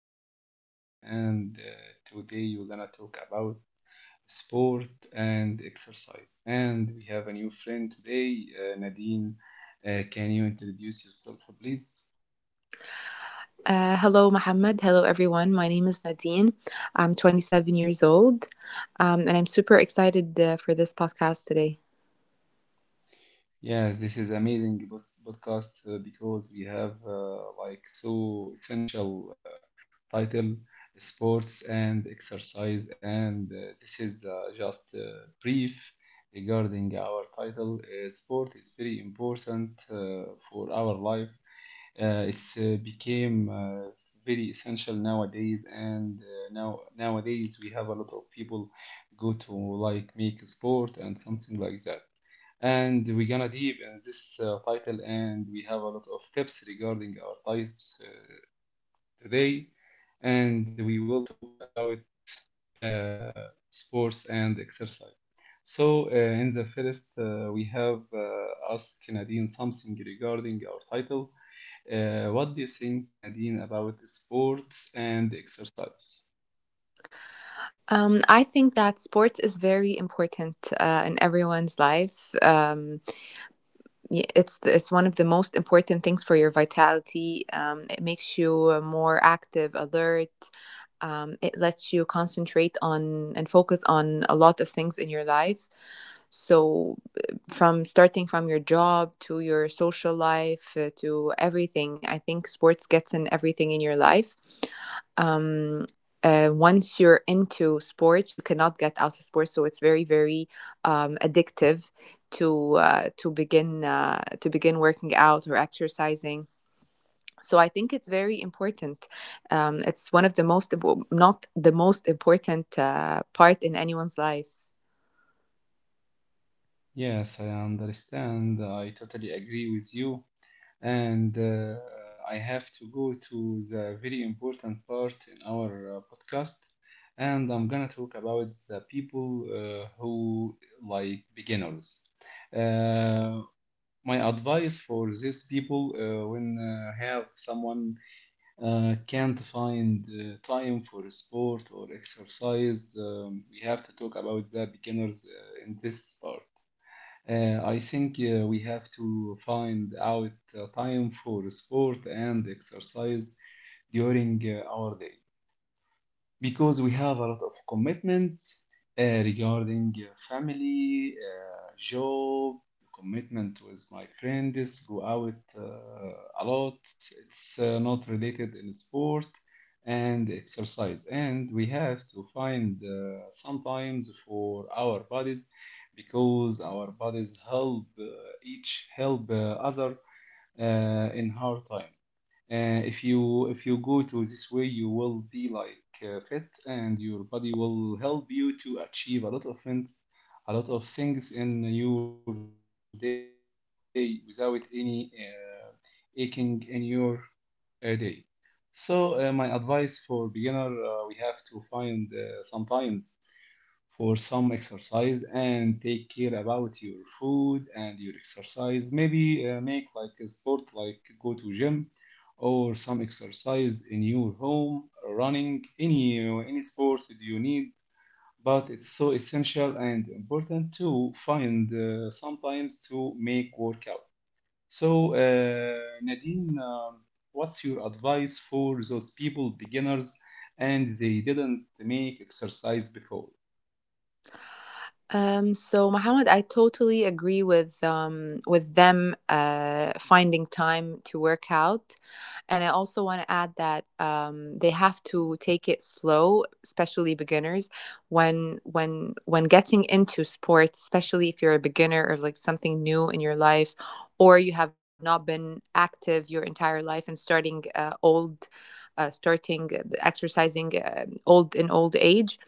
our podcast, and today we're gonna talk about sport and exercise. And we have a new friend today, Nadine. Can you introduce yourself, please? Hello, Mohammed. Hello, everyone. My name is Nadine. I'm 27 years old, and I'm super excited for this podcast today. Yeah, this is amazing podcast because we have like so essential title sports and exercise and this is just brief regarding our title. Sport is very important for our life, it's became very essential nowadays, and nowadays we have a lot of people go to like make sport and something like that. And we're gonna deep in this title, and we have a lot of tips regarding our types today, and we will talk about sports and exercise. So, in the first, we have asked Nadine something regarding our title. What do you think, Nadine, about sports and exercise? I think that sports is very important in everyone's life. It's one of the most important things for your vitality. It makes you more active, alert. It lets you concentrate on and focus on a lot of things in your life. So, from starting from your job to your social life to everything, I think sports gets in everything in your life. Um, Once you're into sports, you cannot get out of sports, so it's very, very addictive to to begin working out or exercising. So I think it's very important. It's one of the most, not the most important part in anyone's life. Yes, I understand. I totally agree with you. And I have to go to the very important part in our podcast. And I'm gonna talk about the people who like beginners. Uh, my advice for these people when have someone can't find time for sport or exercise, we have to talk about the beginners in this part. I think we have to find out time for sport and exercise during our day because we have a lot of commitments regarding family, job, commitment with my friends, go out a lot. It's not related in sport and exercise. And we have to find sometimes for our bodies because our bodies help each help other in hard time. If you if you go to this way, you will be like fit, and your body will help you to achieve a lot of things, a lot of things in your day without any aching in your day. So my advice for beginner, we have to find sometimes for some exercise and take care about your food and your exercise, maybe make like a sport like go to gym or some exercise in your home, running, any sport that you need, but it's so essential and important to find sometimes to make workout. So Nadine, what's your advice for those people beginners and they didn't make exercise before? So Mohammed, I totally agree with them finding time to work out, and I also want to add that they have to take it slow, especially beginners. When getting into sports, especially if you're a beginner or like something new in your life, or you have not been active your entire life and starting exercising old in old age,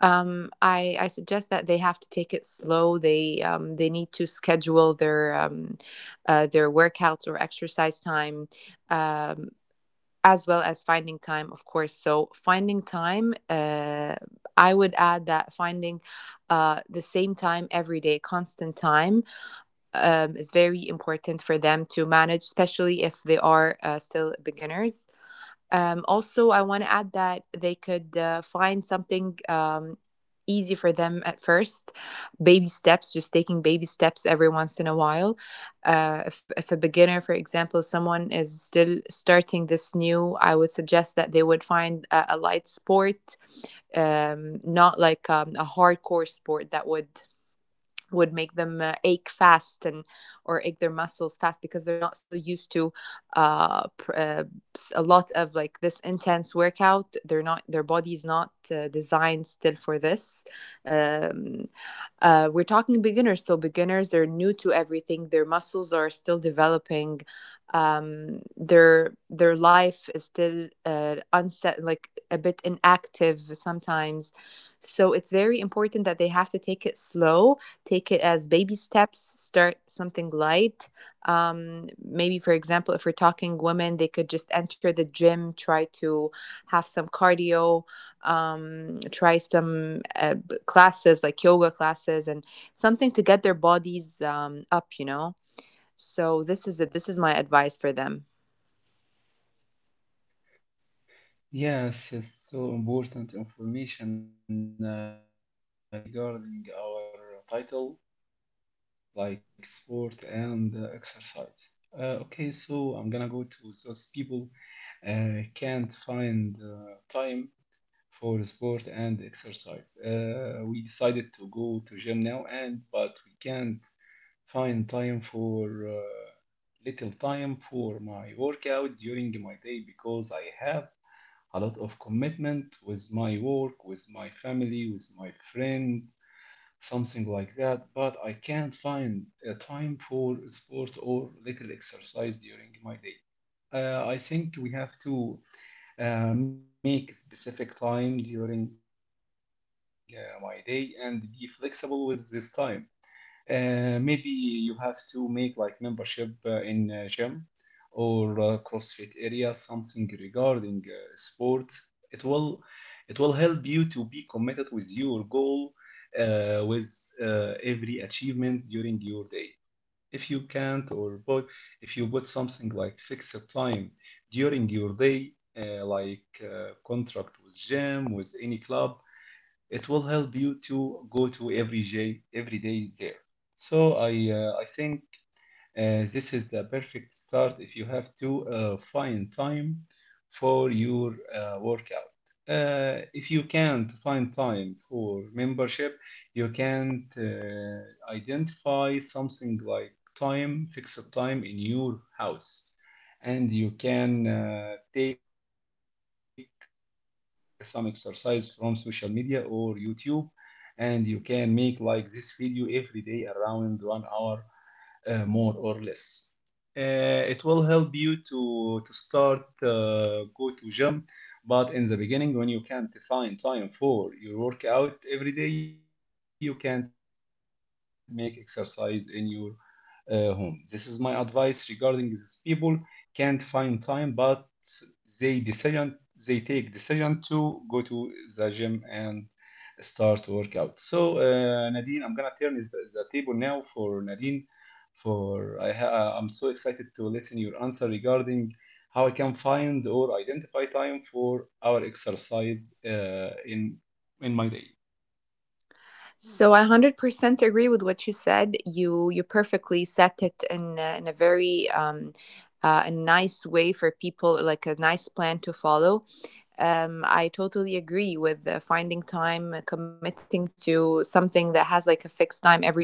I suggest that they have to take it slow. They need to schedule their their workouts or exercise time, um, as well as finding time, of course. So finding time, I would add that finding the same time every day, constant time, is very important for them to manage, especially if they are still beginners. Also, I want to add that they could find something easy for them at first. Baby steps, just taking baby steps every once in a while. If a beginner, for example, someone is still starting this new, I would suggest that they would find a light sport, not like a hardcore sport that would make them ache fast and or ache their muscles fast because they're not still used to uh, pr- uh, a lot of like this intense workout. They're not Their body's not designed still for this. um, we're talking beginners, so beginners, they're new to everything. Their muscles are still developing. Their life is still unset, like a bit inactive sometimes. So it's very important that they have to take it slow, take it as baby steps. Start something light. Maybe, for example, if we're talking women, they could just enter the gym, try to have some cardio, try some classes like yoga classes and something to get their bodies up. So this is it, this is my advice for them. Yes, it's so important information regarding our title, like sport and exercise. Okay, so I'm gonna go to those people can't find time for sport and exercise. We decided to go to gym now, and but we can't find time for little time for my workout during my day because I have a lot of commitment with my work, with my family, with my friend, something like that. But I can't find a time for sport or little exercise during my day. I think we have to make specific time during my day and be flexible with this time. Maybe you have to make like membership in gym or CrossFit area, something regarding sport. It will it will help you to be committed with your goal, with every achievement during your day. If you can't or put, if you put something like fixed time during your day, like contract with gym, with any club, it will help you to go to every day, every day there. So I think this is the perfect start if you have to find time for your workout. If you can't find time for membership, you can't identify something like fixed time in your house. And you can take some exercise from social media or YouTube, and you can make like this video every day around 1 hour more or less. It will help you to start go to gym, but in the beginning when you can't find time for your workout every day, you can't make exercise in your home. This is my advice regarding these people can't find time, but they decision they take decision to go to the gym and start workout. So Nadine, I'm gonna turn the table now for Nadine. I'm so excited to listen your answer regarding how I can find or identify time for our exercise in my day. So I 100% agree with what you said. You perfectly set it in a very a nice way for people, like a nice plan to follow. I totally agree with finding time, committing to something that has like a fixed time every day.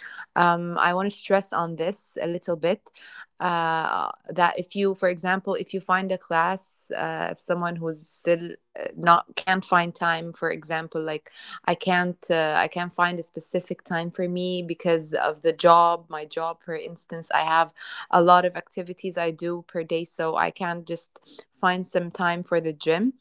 I want to stress on this a little bit, that if you, for example, if you find a class of someone who's still not, can't find time, for example, like I can't find a specific time for me because of the job, my job, for instance. I have a lot of activities I do per day, so I can't just find some time for the gym.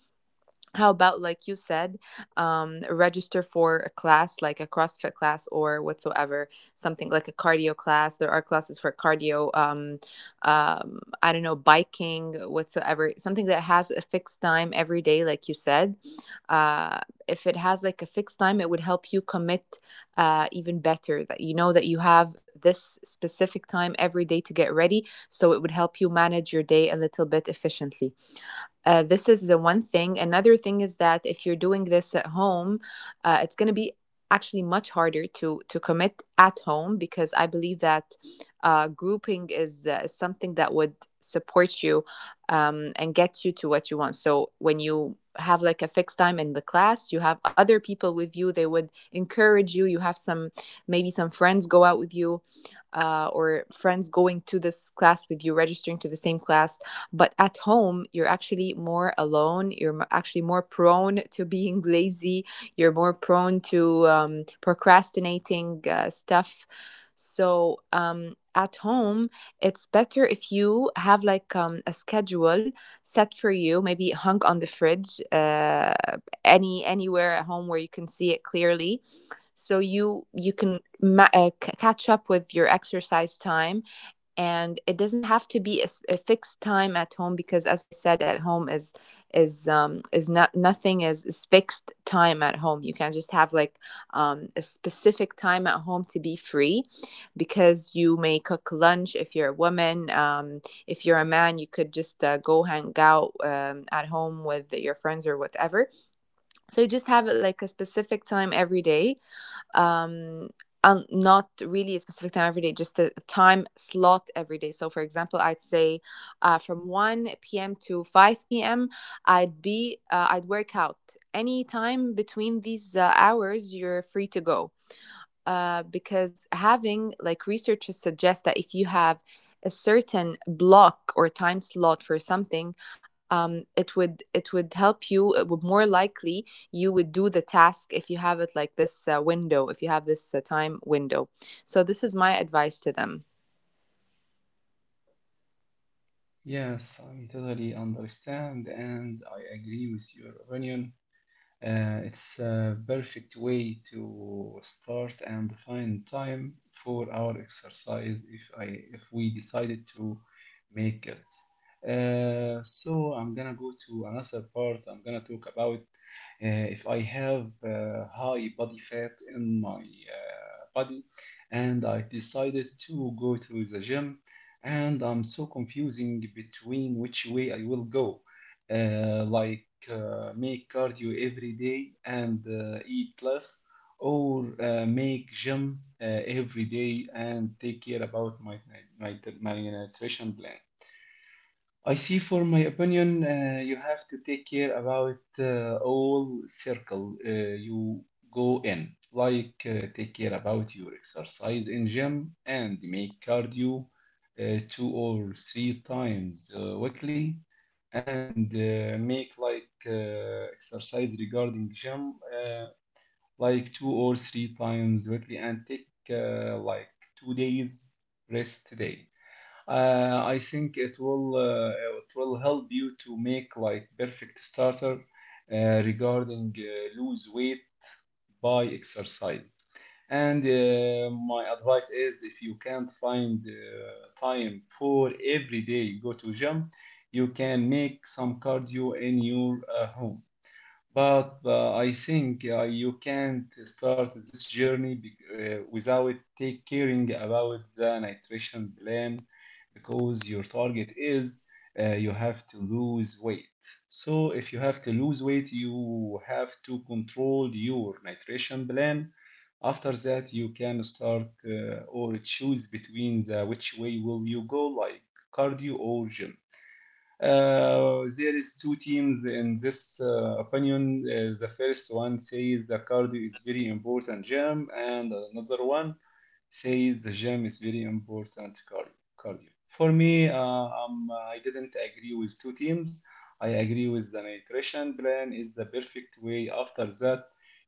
How about, like you said, register for a class like a CrossFit class or whatsoever, something like a cardio class. There are classes for cardio, I don't know, biking, whatsoever, something that has a fixed time every day, like you said. uh, if it has like a fixed time, it would help you commit, even better, that you know that you have this specific time every day to get ready, so it would help you manage your day a little bit efficiently. This is the one thing. Another thing is that if you're doing this at home, it's going to be actually much harder to commit at home because I believe that grouping is something that would support you, and get you to what you want. So when you have like a fixed time in the class, you have other people with you. They would encourage you. You have some, maybe some friends go out with you, or friends going to this class with you, registering to the same class. But at home, you're actually more alone. You're actually more prone to being lazy. You're more prone to procrastinating stuff. So, at home, it's better if you have like a schedule set for you, maybe hung on the fridge, anywhere at home where you can see it clearly, so you can catch up with your exercise time. And it doesn't have to be a fixed time at home because, as I said, at home is not nothing is, is fixed time at home. You can just have like a specific time at home to be free, because you may cook lunch if you're a woman. If you're a man, you could just go hang out, at home with your friends or whatever. So you just have it like a specific time every day, um and not really a specific time every day, just a time slot every day. So for example, I'd say from 1 p.m. to 5 p.m., I'd work out any time between these hours. You're free to go. Because having, like, researchers suggest that if you have a certain block or time slot for something, it would help you. It would more likely, you would do the task if you have it like this window, if you have this time window. So this is my advice to them. Yes, I totally understand and I agree with your opinion. It's a perfect way to start and find time for our exercise if we decided to make it. So I'm gonna go to another part. I'm gonna talk about if I have high body fat in my body and I decided to go to the gym, and I'm so confusing between which way I will go. Uh, like like, make cardio every day and eat less, or make gym every day and take care about my, my nutrition plan. I see for my opinion, you have to take care about all circle you go in, like take care about your exercise in gym and make cardio two or three times weekly and make like exercise regarding gym, like two or three times weekly, and take like 2 days rest day. I think it will help you to make like perfect starter uh, regarding lose weight by exercise. And my advice is if you can't find time for every day you go to gym, you can make some cardio in your home. But I think you can't start this journey without take caring about the nutrition plan because your target is you have to lose weight. So if you have to lose weight, you have to control your nutrition plan. After that, you can start or choose between the which way will you go, like cardio or gym. There is two teams in this opinion. The first one says the cardio is very important, Jim, and another one says the gym is very important cardio. Cardio. For me, I didn't agree with two teams. I agree with the nutrition plan is the perfect way. After that,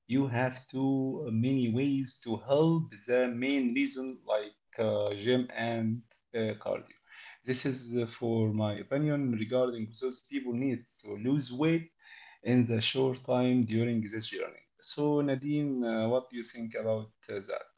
you have too many ways to help the main reason, like gym and cardio. This is for my opinion regarding those people needs to lose weight in the short time during this journey. So Nadine, what do you think about that?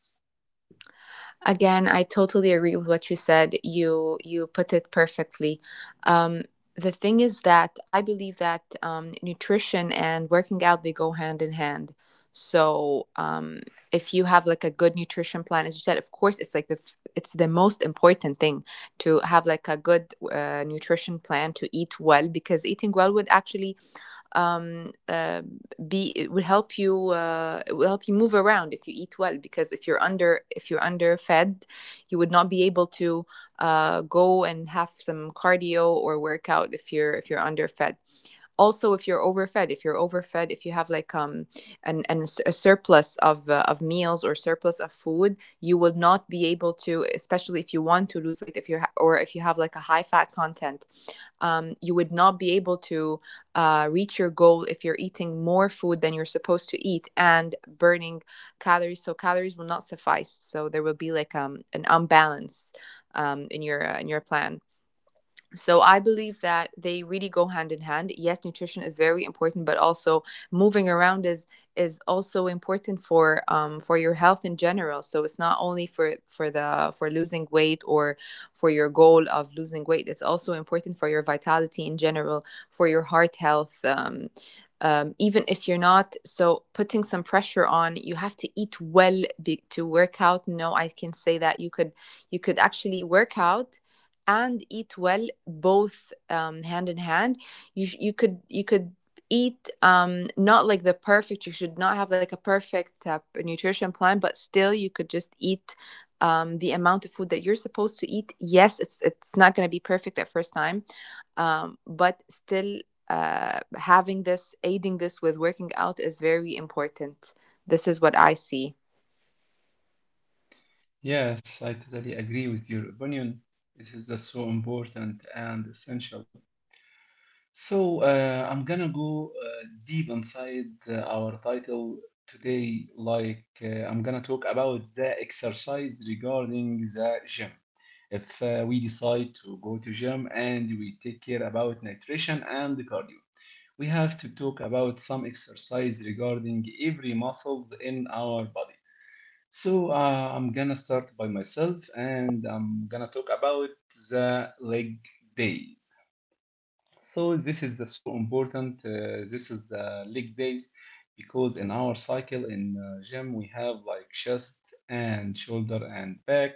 Again, I totally agree with what you said. You put it perfectly. Um, the thing is that I believe that nutrition and working out, they go hand in hand. So, if you have like a good nutrition plan, as you said, of course, it's like it's the most important thing to have like a good nutrition plan, to eat well, because eating well would actually um, uh, be it will help you move around if you eat well, because if you're underfed, you would not be able to go and have some cardio or workout if you're underfed. Also, if you're overfed, if you have like an a surplus of meals or surplus of food, you will not be able to, especially if you want to lose weight, if you're or if you have like a high fat content, you would not be able to reach your goal if you're eating more food than you're supposed to eat and burning calories. So calories will not suffice. So there will be like an imbalance, in your in your plan. So I believe that they really go hand in hand. Yes, nutrition is very important, but also moving around is also important for, for your health in general. So it's not only for losing weight or for your goal of losing weight. It's also important for your vitality in general, for your heart health. Even if you're not so putting some pressure on you, have to eat well, to work out. No, I can say that you could actually work out and eat well, both, hand in hand. You could eat, not like the perfect. You should not have like a perfect nutrition plan, but still you could just eat the amount of food that you're supposed to eat. Yes, it's not going to be perfect at first time, but still, having this, aiding this with working out, is very important. This is what I see. Yes, I totally agree with your opinion. It is just so important and essential. So, I'm gonna go deep inside our title today. Like, I'm gonna talk about the exercise regarding the gym. If we decide to go to gym and we take care about nutrition and cardio, we have to talk about some exercise regarding every muscles in our body. So I'm gonna start by myself and I'm gonna talk about the leg days. So this is so important. This is the leg days because in our cycle in gym we have like chest and shoulder and back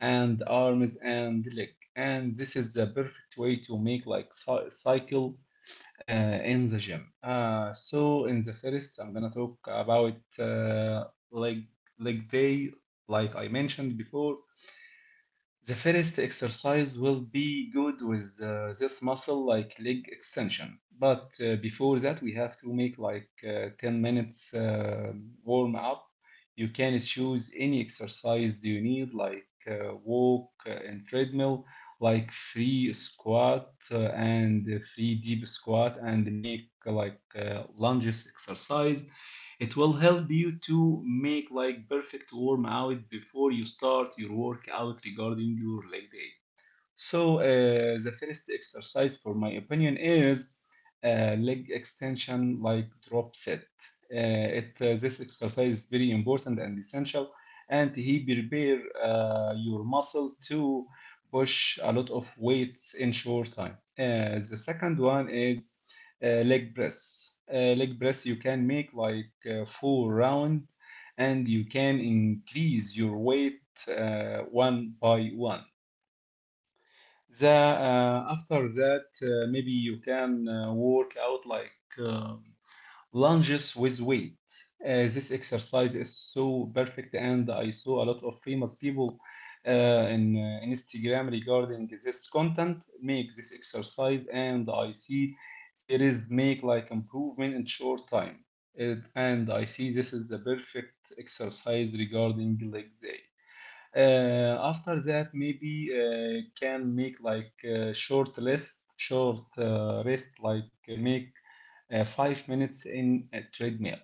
and arms and leg. And this is the perfect way to make like cycle in the gym. So in the first, I'm gonna talk about leg leg day, like I mentioned before. The first exercise will be good with this muscle like leg extension. But before that, we have to make like 10 minutes warm up. You can choose any exercise you need, like walk and treadmill, like free squat and free deep squat, and make like lunges exercise. It will help you to make like perfect warm out before you start your workout regarding your leg day. So, the first exercise, for my opinion, is leg extension like drop set. Uh, this exercise is very important and essential, and he prepare your muscle to push a lot of weights in short time. The second one is leg press. Leg press you can make like four round, and you can increase your weight one by one. The After that, maybe you can work out like um lunges with weight. This exercise is so perfect, and I saw a lot of famous people in Instagram regarding this content make this exercise, and I see there is make like improvement in short time. And I see this is the perfect exercise regarding leg day. After that, maybe can make like short list, short rest, like make 5 minutes in a treadmill,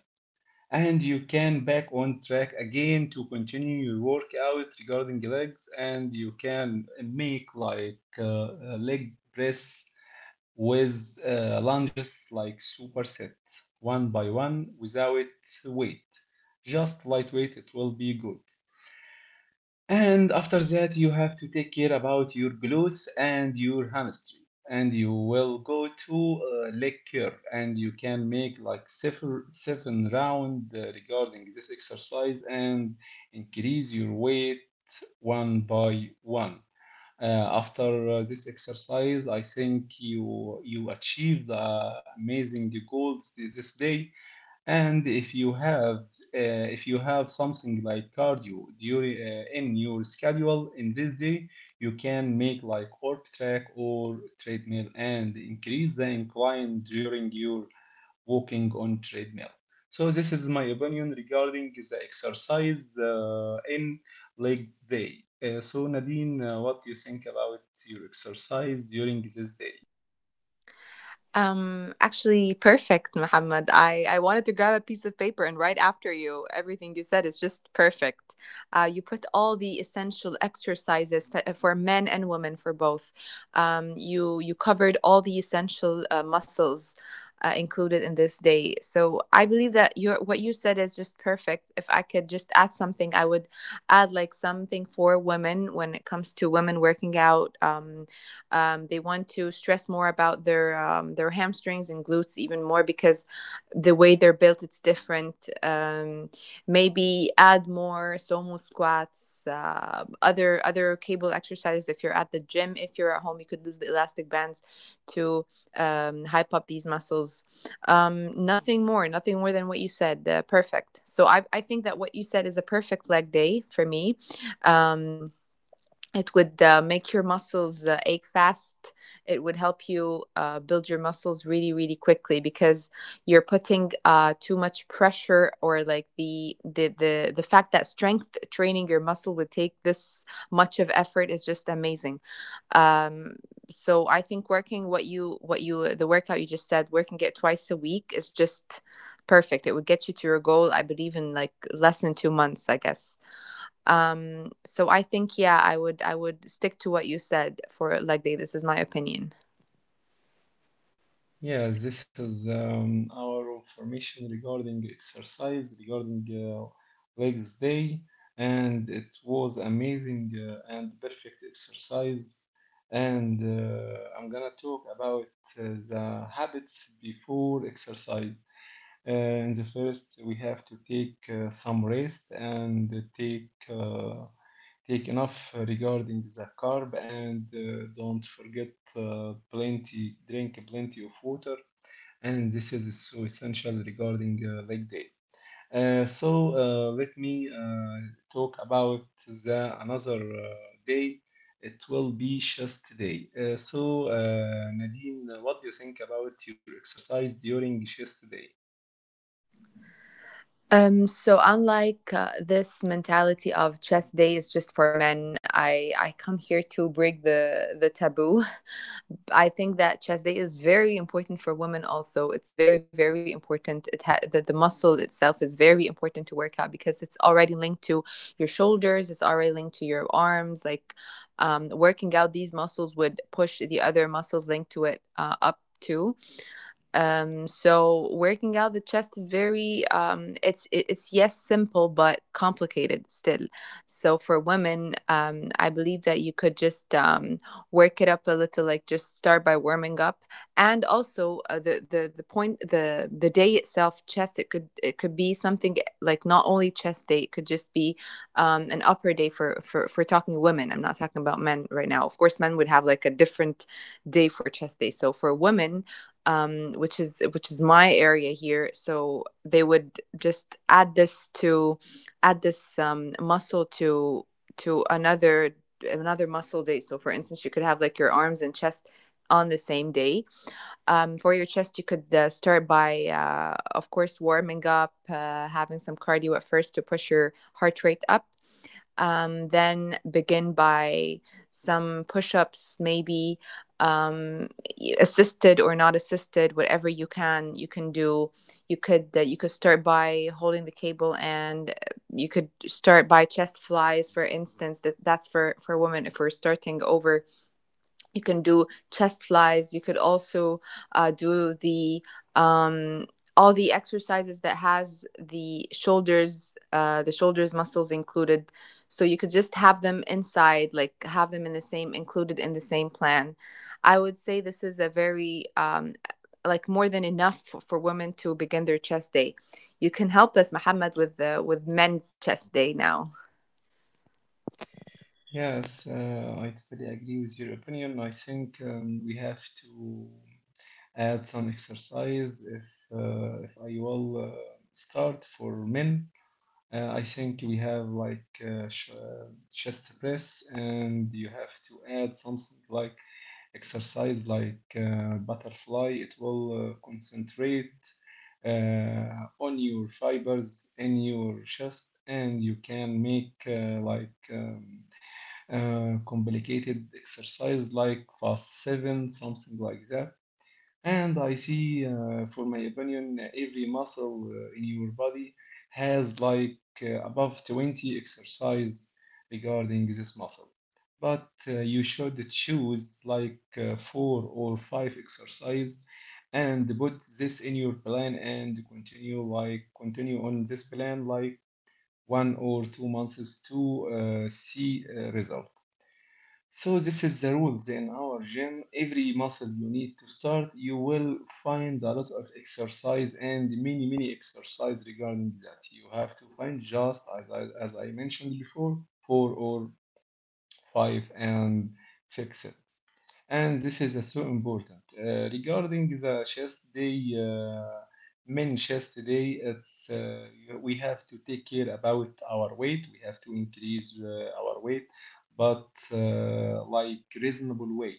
and you can back on track again to continue your workout regarding legs, and you can make like a leg press with lunges like superset one by one without weight. Just lightweight, it will be good. And after that, you have to take care about your glutes and your hamstring. And you will go to leg curl, and you can make like seven round regarding this exercise and increase your weight one by one. Uh, After this exercise, I think you achieved amazing goals this day. And if you have something like cardio during in your schedule in this day, you can make like orb track or treadmill and increase the incline during your walking on treadmill. So this is my opinion regarding the exercise in legs day. So Nadine, what do you think about your exercise during this day? Actually, perfect, Muhammad. I wanted to grab a piece of paper and write after you. Everything you said is just perfect. You put all the essential exercises for men and women, for both. You covered all the essential muscles included in this day. So I believe that your what you said is just perfect. If I could just add something, I would add like something for women when it comes to women working out. They want to stress more about their hamstrings and glutes even more because the way they're built, it's different. Maybe add more somo squats, other cable exercises. If you're at the gym, if you're at home, you could use the elastic bands to hype up these muscles. Nothing more, nothing more than what you said. Perfect. So I think that what you said is a perfect leg day for me. Um, it would make your muscles ache fast. It would help you build your muscles really, really quickly because you're putting too much pressure or like the fact that strength training your muscle would take this much of effort is just amazing. Um, so I think working what you the workout you just said, working it twice a week is just perfect. It would get you to your goal, I believe, in like less than 2 months, I guess. So I think yeah, I would stick to what you said for leg day. This is my opinion. Yeah, this is our information regarding exercise, regarding legs day, and it was amazing and perfect exercise. And I'm gonna talk about uh, the habits before exercise. In the first, we have to take some rest and take take enough regarding the carb and don't forget plenty, drink plenty of water. And this is so essential regarding leg day. So let me talk about the another day. It will be chest day. So Nadine, what do you think about your exercise during chest day? So unlike this mentality of chest day is just for men, I come here to break the taboo. I think that chest day is very important for women also. It's very, very important. The muscle itself is very important to work out because it's already linked to your shoulders, it's already linked to your arms. Like working out these muscles would push the other muscles linked to it up too. So working out the chest is very it's yes simple but complicated still. So for women, I believe that you could just work it up a little, like just start by warming up, and also the point, the day itself, chest. It could be something like not only chest day. It could just be an upper day for talking women. I'm not talking about men right now. Of course, men would have like a different day for chest day. So for women, which is my area here. So they would just add this to add this muscle to to another another muscle day. So for instance, you could have like your arms and chest on the same day. For your chest, you could start by, of course, warming up, having some cardio at first to push your heart rate up. Then begin by some push ups, maybe, um, assisted or not assisted, whatever you can do. You could start by holding the cable, and you could start by chest flies, for instance. That's for women. If we're starting over, you can do chest flies. You could also do the um, all the exercises that has the shoulders, the shoulders muscles included, so you could just have them inside, like have them in the same, included in the same plan. I would say this is a very like more than enough for women to begin their chest day. You can help us, Mohammed, with the with men's chest day now. Yes, I totally agree with your opinion. I think we have to add some exercise if I will start for men. I think we have like chest press, and you have to add something like exercise like butterfly. It will concentrate uh, on your fibers in your chest, and you can make like complicated exercise like fast seven, something like that. And I see, for my opinion, every muscle in your body has like above 20 exercise regarding this muscle. But you should choose like four or five exercise and put this in your plan and continue like continue on this plan like 1 or 2 months to see result. So this is the rules in our gym. Every muscle you need to start, you will find a lot of exercise and many many exercise regarding that. You have to find just as I as I mentioned before, four or five and fix it, and this is so important. Regarding the chest day, men chest day, it's we have to take care about our weight. We have to increase our weight, but like reasonable way,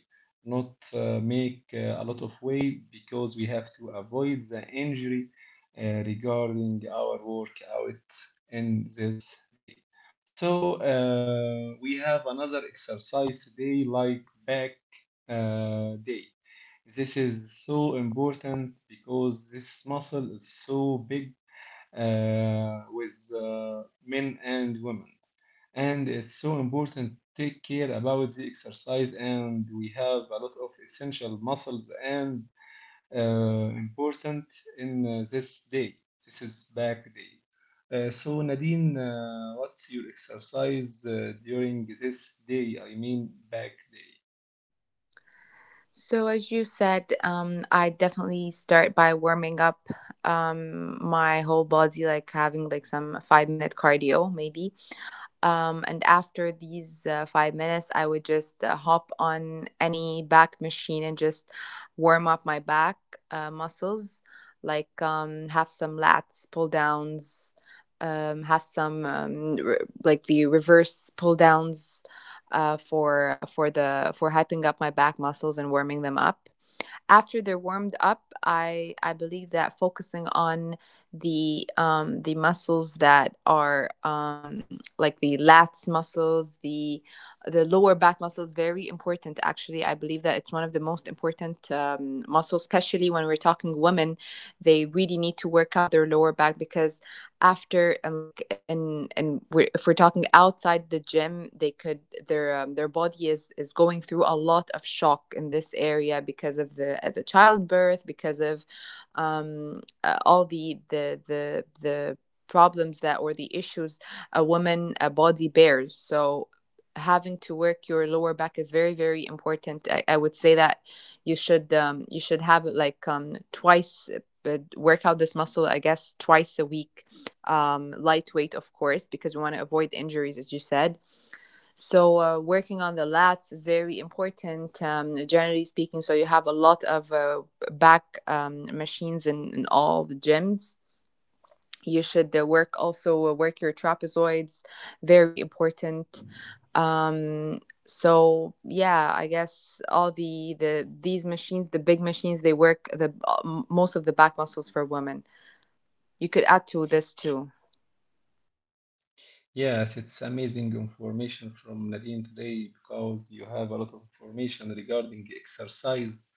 not make a lot of weight because we have to avoid the injury regarding our workout in this day. So we have another exercise today, like back day. This is so important because this muscle is so big with men and women. And it's so important to take care about the exercise, and we have a lot of essential muscles and important in this day. This is back day. So Nadine, what's your exercise during this day? I mean, back day. So, as you said, I definitely start by warming up my whole body, like having like some 5 minute cardio, maybe. And after these 5 minutes, I would just hop on any back machine and just warm up my back muscles, like have some lats pull downs, have some like the reverse pull downs for the for hyping up my back muscles and warming them up. After they're warmed up, I believe that focusing on the muscles that are like the lats muscles, the lower back muscles, very important. Actually, I believe that it's one of the most important muscles, especially when we're talking women. They really need to work out their lower back because after and like and we're, if we're talking outside the gym they could, their body is going through a lot of shock in this area because of the childbirth, because of all the problems that or the issues a woman a body bears. So having to work your lower back is very, very important. I would say that you should have it like twice, but work out this muscle, I guess, twice a week, lightweight, of course, because we want to avoid injuries, as you said. So, working on the lats is very important, generally speaking. So, you have a lot of back machines in all the gyms. You should work also work your trapezoids, very important. Um, so yeah, I guess all these machines, the big machines, they work the most of the back muscles for women. You could add to this too. Yes, it's amazing information from Nadine today because you have a lot of information regarding exercise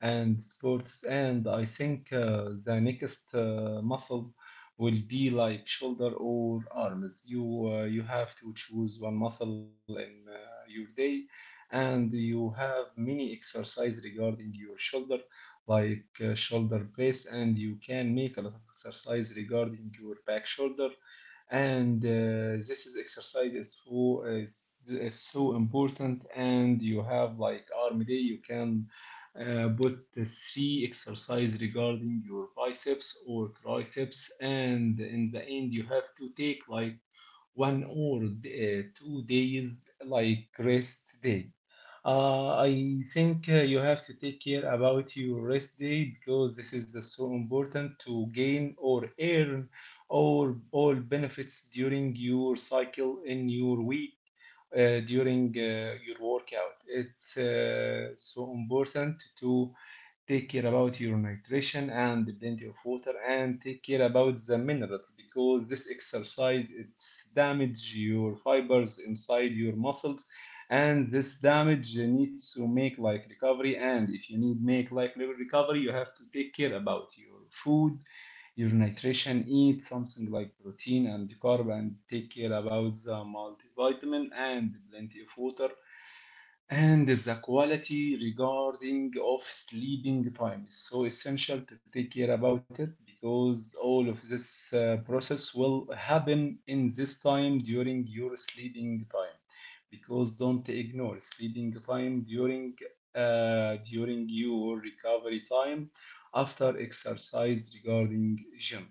and sports. And I think the next muscle will be like shoulder or arms. You have to choose one muscle in your day, and you have many exercise regarding your shoulder, like shoulder press, and you can make a lot of exercise regarding your back shoulder. And this is exercise is so important, and you have like arm day. You can put the three exercise regarding your biceps or triceps, and in the end you have to take like one or 2 days like rest day. I think you have to take care about your rest day because this is so important to gain or earn all benefits during your cycle in your week, during your workout. It's so important to take care about your nutrition and plenty of water and take care about the minerals because this exercise it's damage your fibers inside your muscles, and this damage needs to make like recovery, and if you need make like recovery, you have to take care about your food, your nutrition, eat something like protein and carb, and take care about the multivitamin and plenty of water. And the quality regarding of sleeping time is so essential to take care about it, because all of this process will happen in this time during your sleeping time, because don't ignore sleeping time during during your recovery time after exercise regarding gym.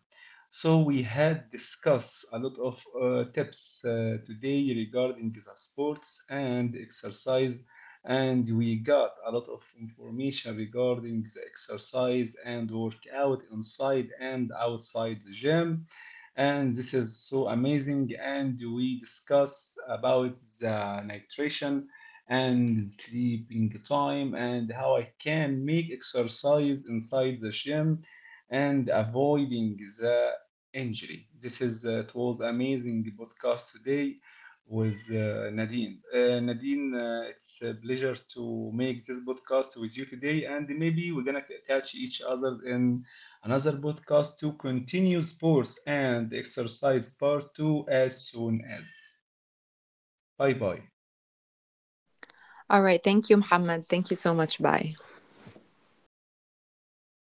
So we had discussed a lot of tips today regarding the sports and exercise, and we got a lot of information regarding the exercise and workout inside and outside the gym. And this is so amazing. And we discussed about the nutrition and sleeping time and how I can make exercise inside the gym and avoiding the injury. This is it was amazing podcast today with Nadine. Nadine, it's a pleasure to make this podcast with you today, and maybe we're gonna c- catch each other in another podcast to continue sports and exercise part two as soon as. Bye bye. All right. Thank you, Muhammad. Thank you so much. Bye.